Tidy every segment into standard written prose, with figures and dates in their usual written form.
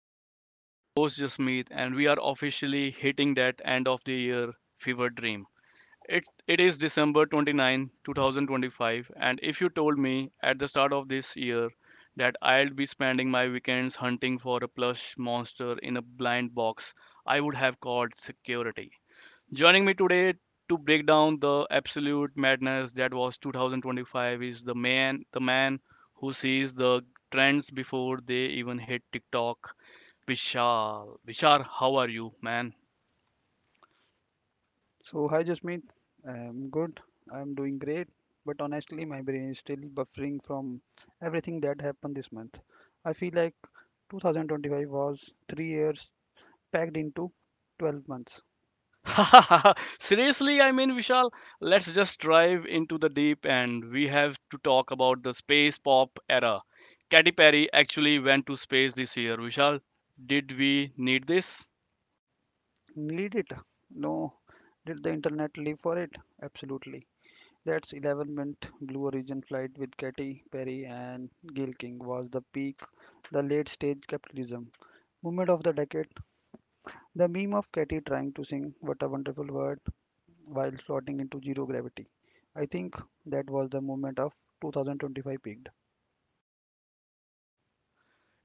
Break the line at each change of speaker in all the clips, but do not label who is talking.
Rate. I'm your host Jasmeet, and we are officially hitting that end of the year fever dream. It is December 29, 2025, and if you told me at the start of this year that I would be spending my weekends hunting for a plush monster in a blind box, I would have called security. Joining me today to break down the absolute madness that was 2025 is the man who sees the trends before they even hit TikTok. Vishal, how are you, man?
So, hi Jasmeet. I'm good. I'm doing great. But honestly, my brain is still buffering from everything that happened this month. I feel like 2025 was 3 years packed into 12 months.
Seriously, I mean, Vishal, let's just dive into the deep end. We have to talk about the space pop era. Katy Perry actually went to space this year. Vishal, did we need this?
Need it? No. Did the internet live for it? Absolutely. That's 11 mint Blue Origin flight with Katy Perry and Gail King was the peak, the late stage capitalism. Moment of the decade, the meme of Katy trying to sing What a Wonderful World while slotting into zero gravity. I think that was the moment of 2025 peaked.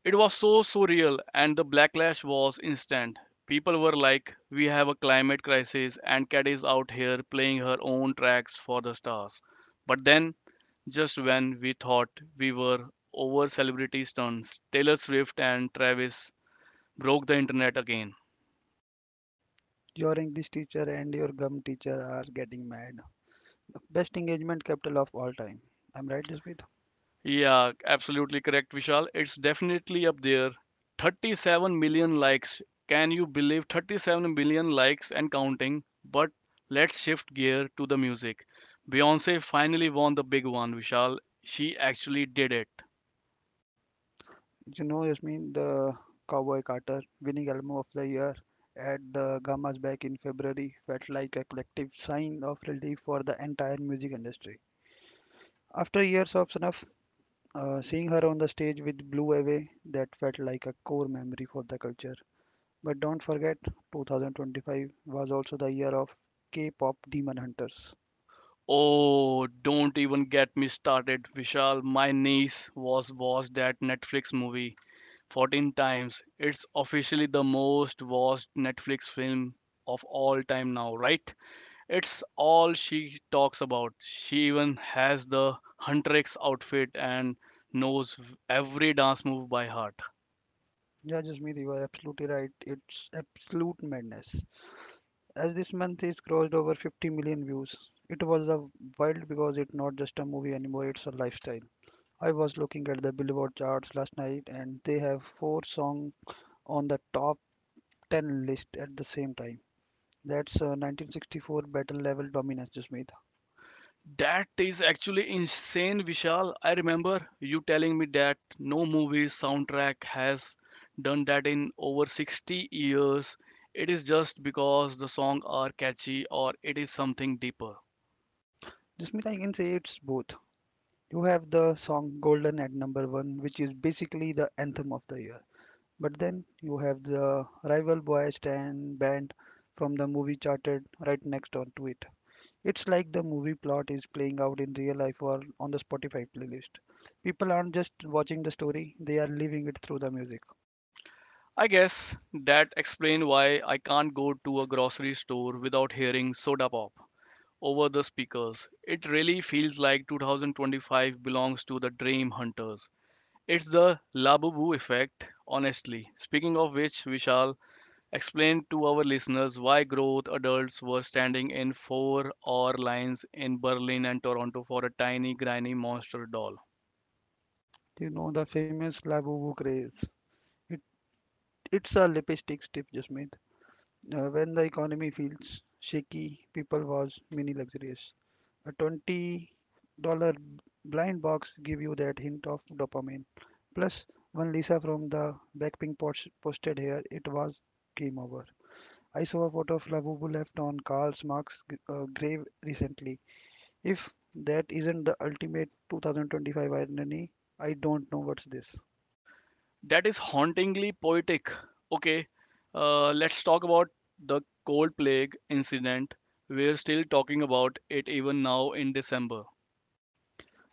It was so surreal, and the backlash was instant. People were like, "We have a climate crisis," and Cat is out here playing her own tracks for the stars. But then, just when we thought we were over celebrity stunts, Taylor Swift and Travis broke the internet again.
Your English teacher and your gum teacher are getting mad. Best engagement capital of all time. I'm right, Jasmeet?
Yeah, absolutely correct, Vishal. It's definitely up there. 37 million likes. Can you believe 37 million likes and counting? But let's shift gear to the music. Beyonce finally won the big one, Vishal. She actually did it.
You know, Jasmeet, the Cowboy Carter winning Elmo of the Year at the Gamma's back in February felt like a collective sign of relief for the entire music industry. After years of snuff, seeing her on the stage with Blue Away, that felt like a core memory for the culture. But don't forget, 2025 was also the year of K-pop demon hunters.
Oh, don't even get me started, Vishal. My niece was watched that Netflix movie 14 times. It's officially the most watched Netflix film of all time now, right? It's all she talks about. She even has the Huntress outfit and knows every dance move by heart.
Yeah, Jasmeet, you are absolutely right. It's absolute madness. As this month is crossed over 50 million views, it was a wild because it's not just a movie anymore, it's a lifestyle. I was looking at the Billboard charts last night and they have four songs on the top 10 list at the same time. That's 1964 battle level dominance, Jasmeet.
That is actually insane, Vishal. I remember you telling me that no movie soundtrack has done that in over 60 years. It is just because the songs are catchy or it is something deeper.
Jasmeet, I can say it's both. You have the song Golden at number one, which is basically the anthem of the year. But then you have the rival boy stand band from the movie charted right next on to it. It's like the movie plot is playing out in real life or on the Spotify playlist. People aren't just watching the story, they are living it through the music.
I guess that explains why I can't go to a grocery store without hearing Soda Pop over the speakers. It really feels like 2025 belongs to the dream hunters. It's the Labubu effect, honestly. Speaking of which, we shall explain to our listeners why growth adults were standing in 4-hour lines in Berlin and Toronto for a tiny, grimy monster doll.
You know the famous La Boubou craze. It, it's a lipstick stiff just made. When the economy feels shaky, people was mini luxurious. A $20 blind box give you that hint of dopamine. Plus one Lisa from the Blackpink posted here, it was game over. I saw a photo of Labubu left on Karl Marx's grave recently. If that isn't the ultimate 2025 irony, I don't know what's this.
That is hauntingly poetic. Okay, let's talk about the cold plague incident. We're still talking about it even now in December.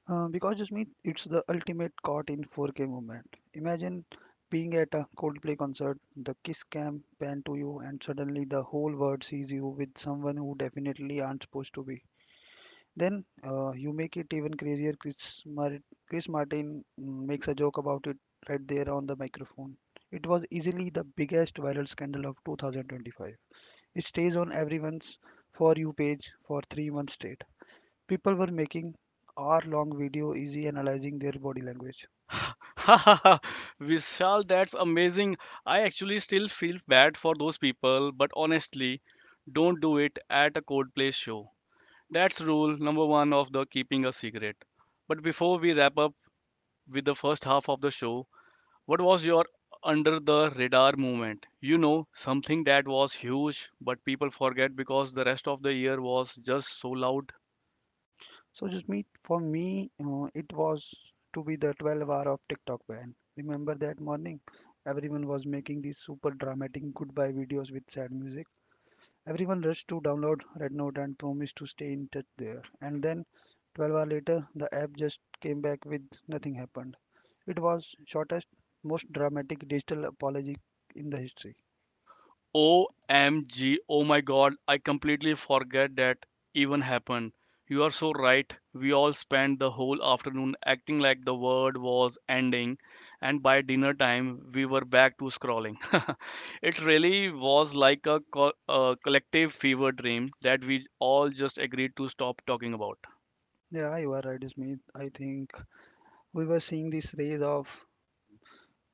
Because just mean it's the ultimate caught in 4K moment. Imagine being at a Coldplay concert, the kiss cam pan to you, and suddenly the whole world sees you with someone who definitely aren't supposed to be. Then you make it even crazier. Chris Martin makes a joke about it right there on the microphone. It was easily the biggest viral scandal of 2025. It stays on everyone's For You page for 3 months straight. People were making hour long video easy analyzing their body language.
Vishal, that's amazing. I actually still feel bad for those people, but honestly, don't do it at a Coldplay show. That's rule number one of the keeping a secret. But before we wrap up with the first half of the show, what was your under the radar moment? You know, something that was huge, but people forget because the rest of the year was just so loud.
So just me, for me it was to be the 12 hour of TikTok ban. Remember that morning, everyone was making these super dramatic goodbye videos with sad music. Everyone rushed to download red note and promised to stay in touch there, and then 12 hours later the app just came back with nothing happened. It was shortest, most dramatic digital apology in the history.
OMG, oh my god, I completely forget that even happened. You are so right. We all spent the whole afternoon acting like the world was ending, and by dinner time, we were back to scrolling. It really was like a collective fever dream that we all just agreed to stop talking about.
Yeah, you are right, Ismail. I think we were seeing this rise of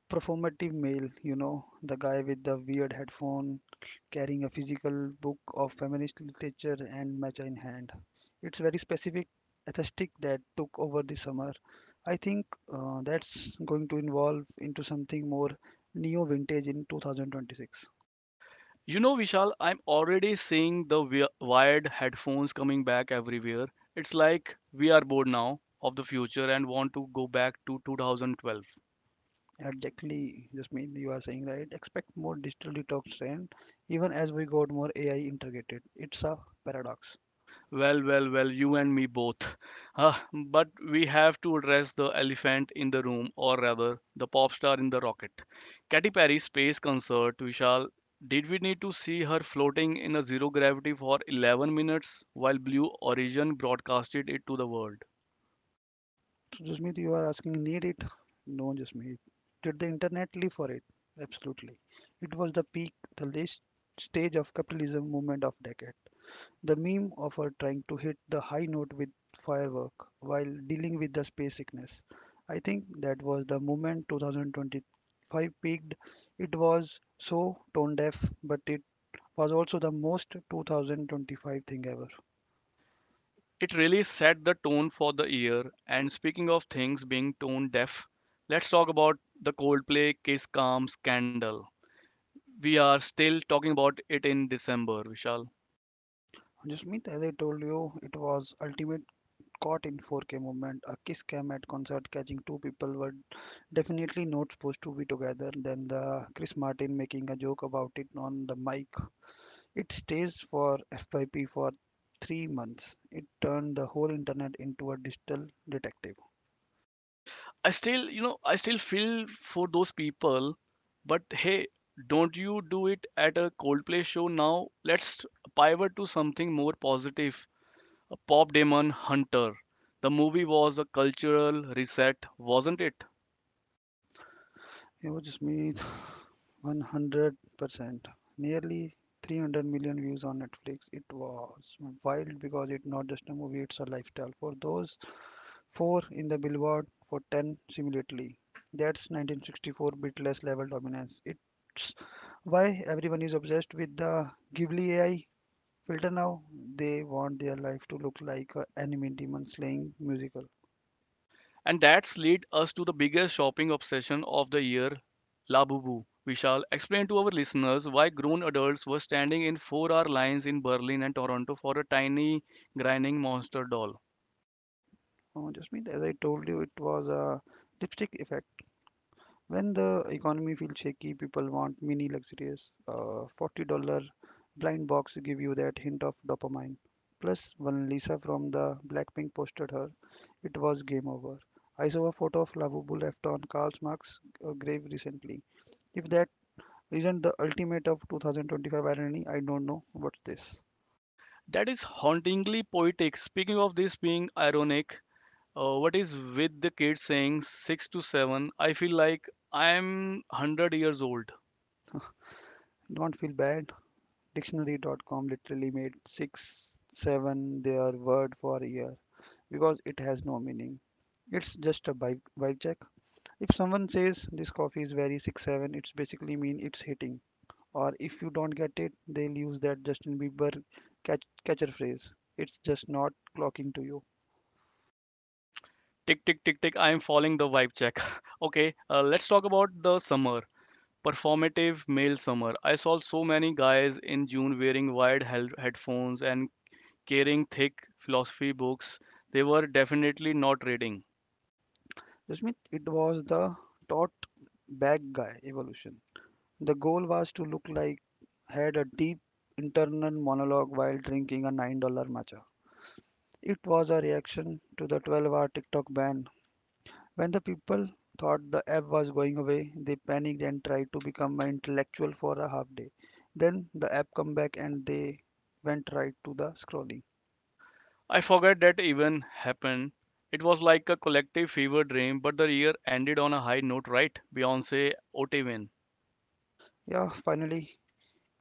performative male, you know, the guy with the weird headphone carrying a physical book of feminist literature and matcha in hand. It's very specific aesthetic that took over the summer. I think that's going to evolve into something more neo-vintage in 2026.
You know, Vishal, I'm already seeing the wired headphones coming back everywhere. It's like we are bored now of the future and want to go back to 2012.
Exactly, Jasmine, you are saying right. Expect more digital detox trend even as we got more AI integrated. It's a paradox.
Well, you and me both. Ah, but we have to address the elephant in the room, or rather, the pop star in the rocket. Katy Perry space concert, Vishal. Did we need to see her floating in a zero gravity for 11 minutes while Blue Origin broadcasted it to the world?
So, Jasmeet, you are asking, need it? No, Jasmeet. Did the internet live for it? Absolutely. It was the peak, the last stage of capitalism movement of decade. The meme of her trying to hit the high note with firework while dealing with the space sickness. I think that was the moment 2025 peaked. It was so tone deaf, but it was also the most 2025 thing ever.
It really set the tone for the year. And speaking of things being tone deaf, let's talk about the Coldplay Kiss Calm scandal. We are still talking about it in December, Vishal.
Jasmeet, as I told you, it was ultimate caught in 4K movement. A Kiss cam at concert catching two people were definitely not supposed to be together. Then the Chris Martin making a joke about it on the mic. It stays for FYP for 3 months. It turned the whole internet into a digital detective.
I still, you know, I still feel for those people, but hey, don't you do it at a Coldplay show now? Let's pivot to something more positive. A Pop Demon Hunter. The movie was a cultural reset, wasn't it?
It was just me, 100%. Nearly 300 million views on Netflix. It was wild because it's not just a movie, it's a lifestyle. For those Four in the Billboard for Ten simultaneously. That's 1964 beatless level dominance. It's why everyone is obsessed with the Ghibli AI filter now. They want their life to look like an anime demon slaying musical.
And that's lead us to the biggest shopping obsession of the year, Labubu. Vishal, explain to our listeners why grown adults were standing in four-hour lines in Berlin and Toronto for a tiny, grinding monster doll.
Oh, just mean as I told you, it was a lipstick effect. When the economy feels shaky, people want mini luxuries. $40 blind box give you that hint of dopamine. Plus, when Lisa from the Blackpink posted her, it was game over. I saw a photo of Lavubu left on Karl Marx's grave recently. If that isn't the ultimate of 2025 irony, I don't know what's this.
That is hauntingly poetic. Speaking of this being ironic, what is with the kids saying six to seven? I feel like I'm 100 years old.
Don't feel bad. Dictionary.com literally made six, seven their word for a year, because it has no meaning. It's just a vibe, vibe check. If someone says this coffee is very 6-7, it's basically mean it's hitting. Or if you don't get it, they'll use that Justin Bieber catcher phrase. It's just not clocking to you.
Tick, tick, tick, tick. I'm following the vibe check. Okay, let's talk about the summer. Performative male summer. I saw so many guys in June wearing wide headphones and carrying thick philosophy books they were definitely not reading.
Jasmeet, it was the taught bag guy evolution. The goal was to look like had a deep internal monologue while drinking a $9 matcha. It was a reaction to the 12-hour TikTok ban. When the people thought the app was going away, they panicked and tried to become an intellectual for a half day. Then the app come back and they went right to the scrolling.
I forgot that even happened. It was like a collective fever dream, but the year ended on a high note, right? Beyonce, OT win.
Yeah, finally,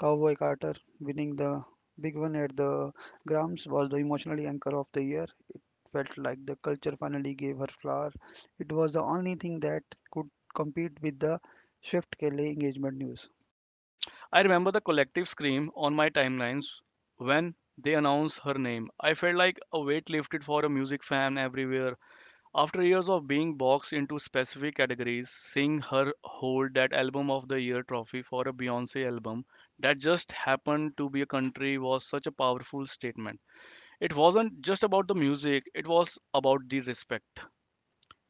Cowboy Carter winning the big one at the Grams was the emotional anchor of the year. It felt like the culture finally gave her flower. It was the only thing that could compete with the Swift Kelly engagement news.
I remember the collective scream on my timelines when they announced her name. I felt like a weight lifted for a music fan everywhere. After years of being boxed into specific categories, seeing her hold that Album of the Year trophy for a Beyoncé album that just happened to be a country was such a powerful statement. It wasn't just about the music, it was about the respect.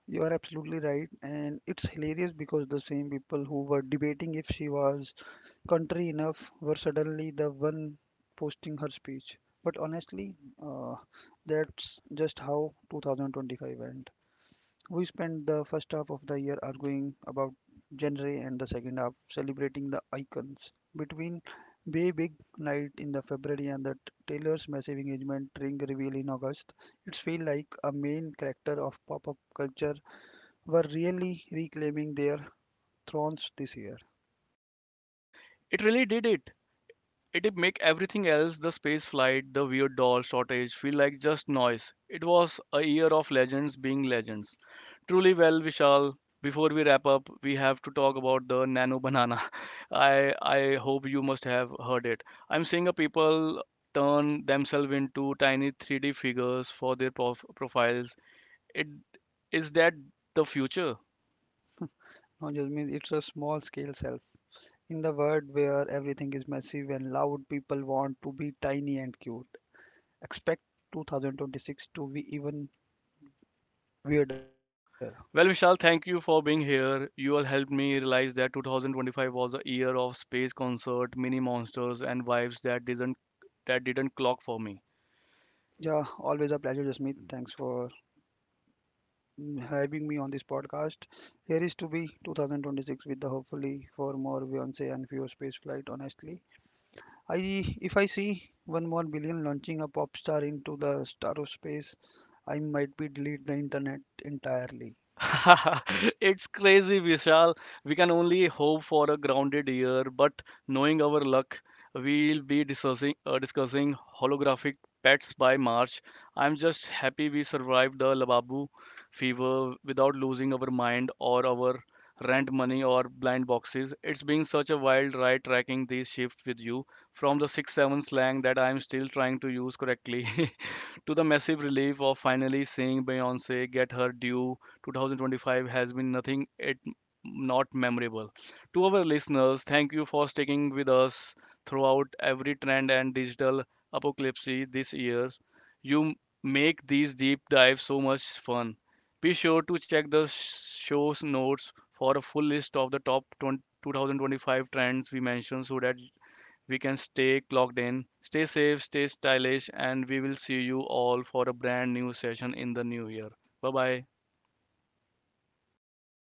You are absolutely right, and it's hilarious because the same people who were debating if she was country enough were suddenly the one posting her speech. But honestly, uh, that's just how 2025 went. We spent the first half of the year arguing about genre and the second half celebrating the icons. Between Bay Big Night in the February and the Taylor's massive engagement ring reveal in August, it's feel like a main character of pop-up culture were really reclaiming their thrones this year.
It really did it. It did make everything else, the space flight, the weird doll shortage, feel like just noise. It was a year of legends being legends. Truly well, Vishal. Before we wrap up, we have to talk about the nano banana. I hope you must have heard it. I'm seeing a people turn themselves into tiny 3D figures for their profiles. It is that the future?
No judgment, it's a small scale self. In the world where everything is massive and loud, people want to be tiny and cute. Expect 2026 to be even weirder.
Well, Vishal, thank you for being here. You all helped me realize that 2025 was a year of space concert, mini monsters, and vibes that didn't clock for me.
Yeah, always a pleasure, Jasmeet. Thanks for having me on this podcast. Here is to be 2026 with the hopefully for more Beyonce and fewer space flight, honestly. I, if I see one more billion launching a pop star into the star of space, I might be delete the internet entirely.
It's crazy, Vishal. We can only hope for a grounded year, but knowing our luck, we'll be discussing discussing holographic pets by March. I'm just happy we survived the Lababu fever without losing our mind or our rent money or blind boxes. It's been such a wild ride tracking these shifts with you, from the 6-7 slang that I'm still trying to use correctly to the massive relief of finally seeing Beyonce get her due. 2025 has been nothing it not memorable. To our listeners, thank you for sticking with us throughout every trend and digital apocalypse this year. You make these deep dives so much fun. Be sure to check the show's notes for a full list of the top 20 2025 trends we mentioned so that we can stay clocked in. Stay safe, stay stylish, and we will see you all for a brand new session in the new year. Bye bye.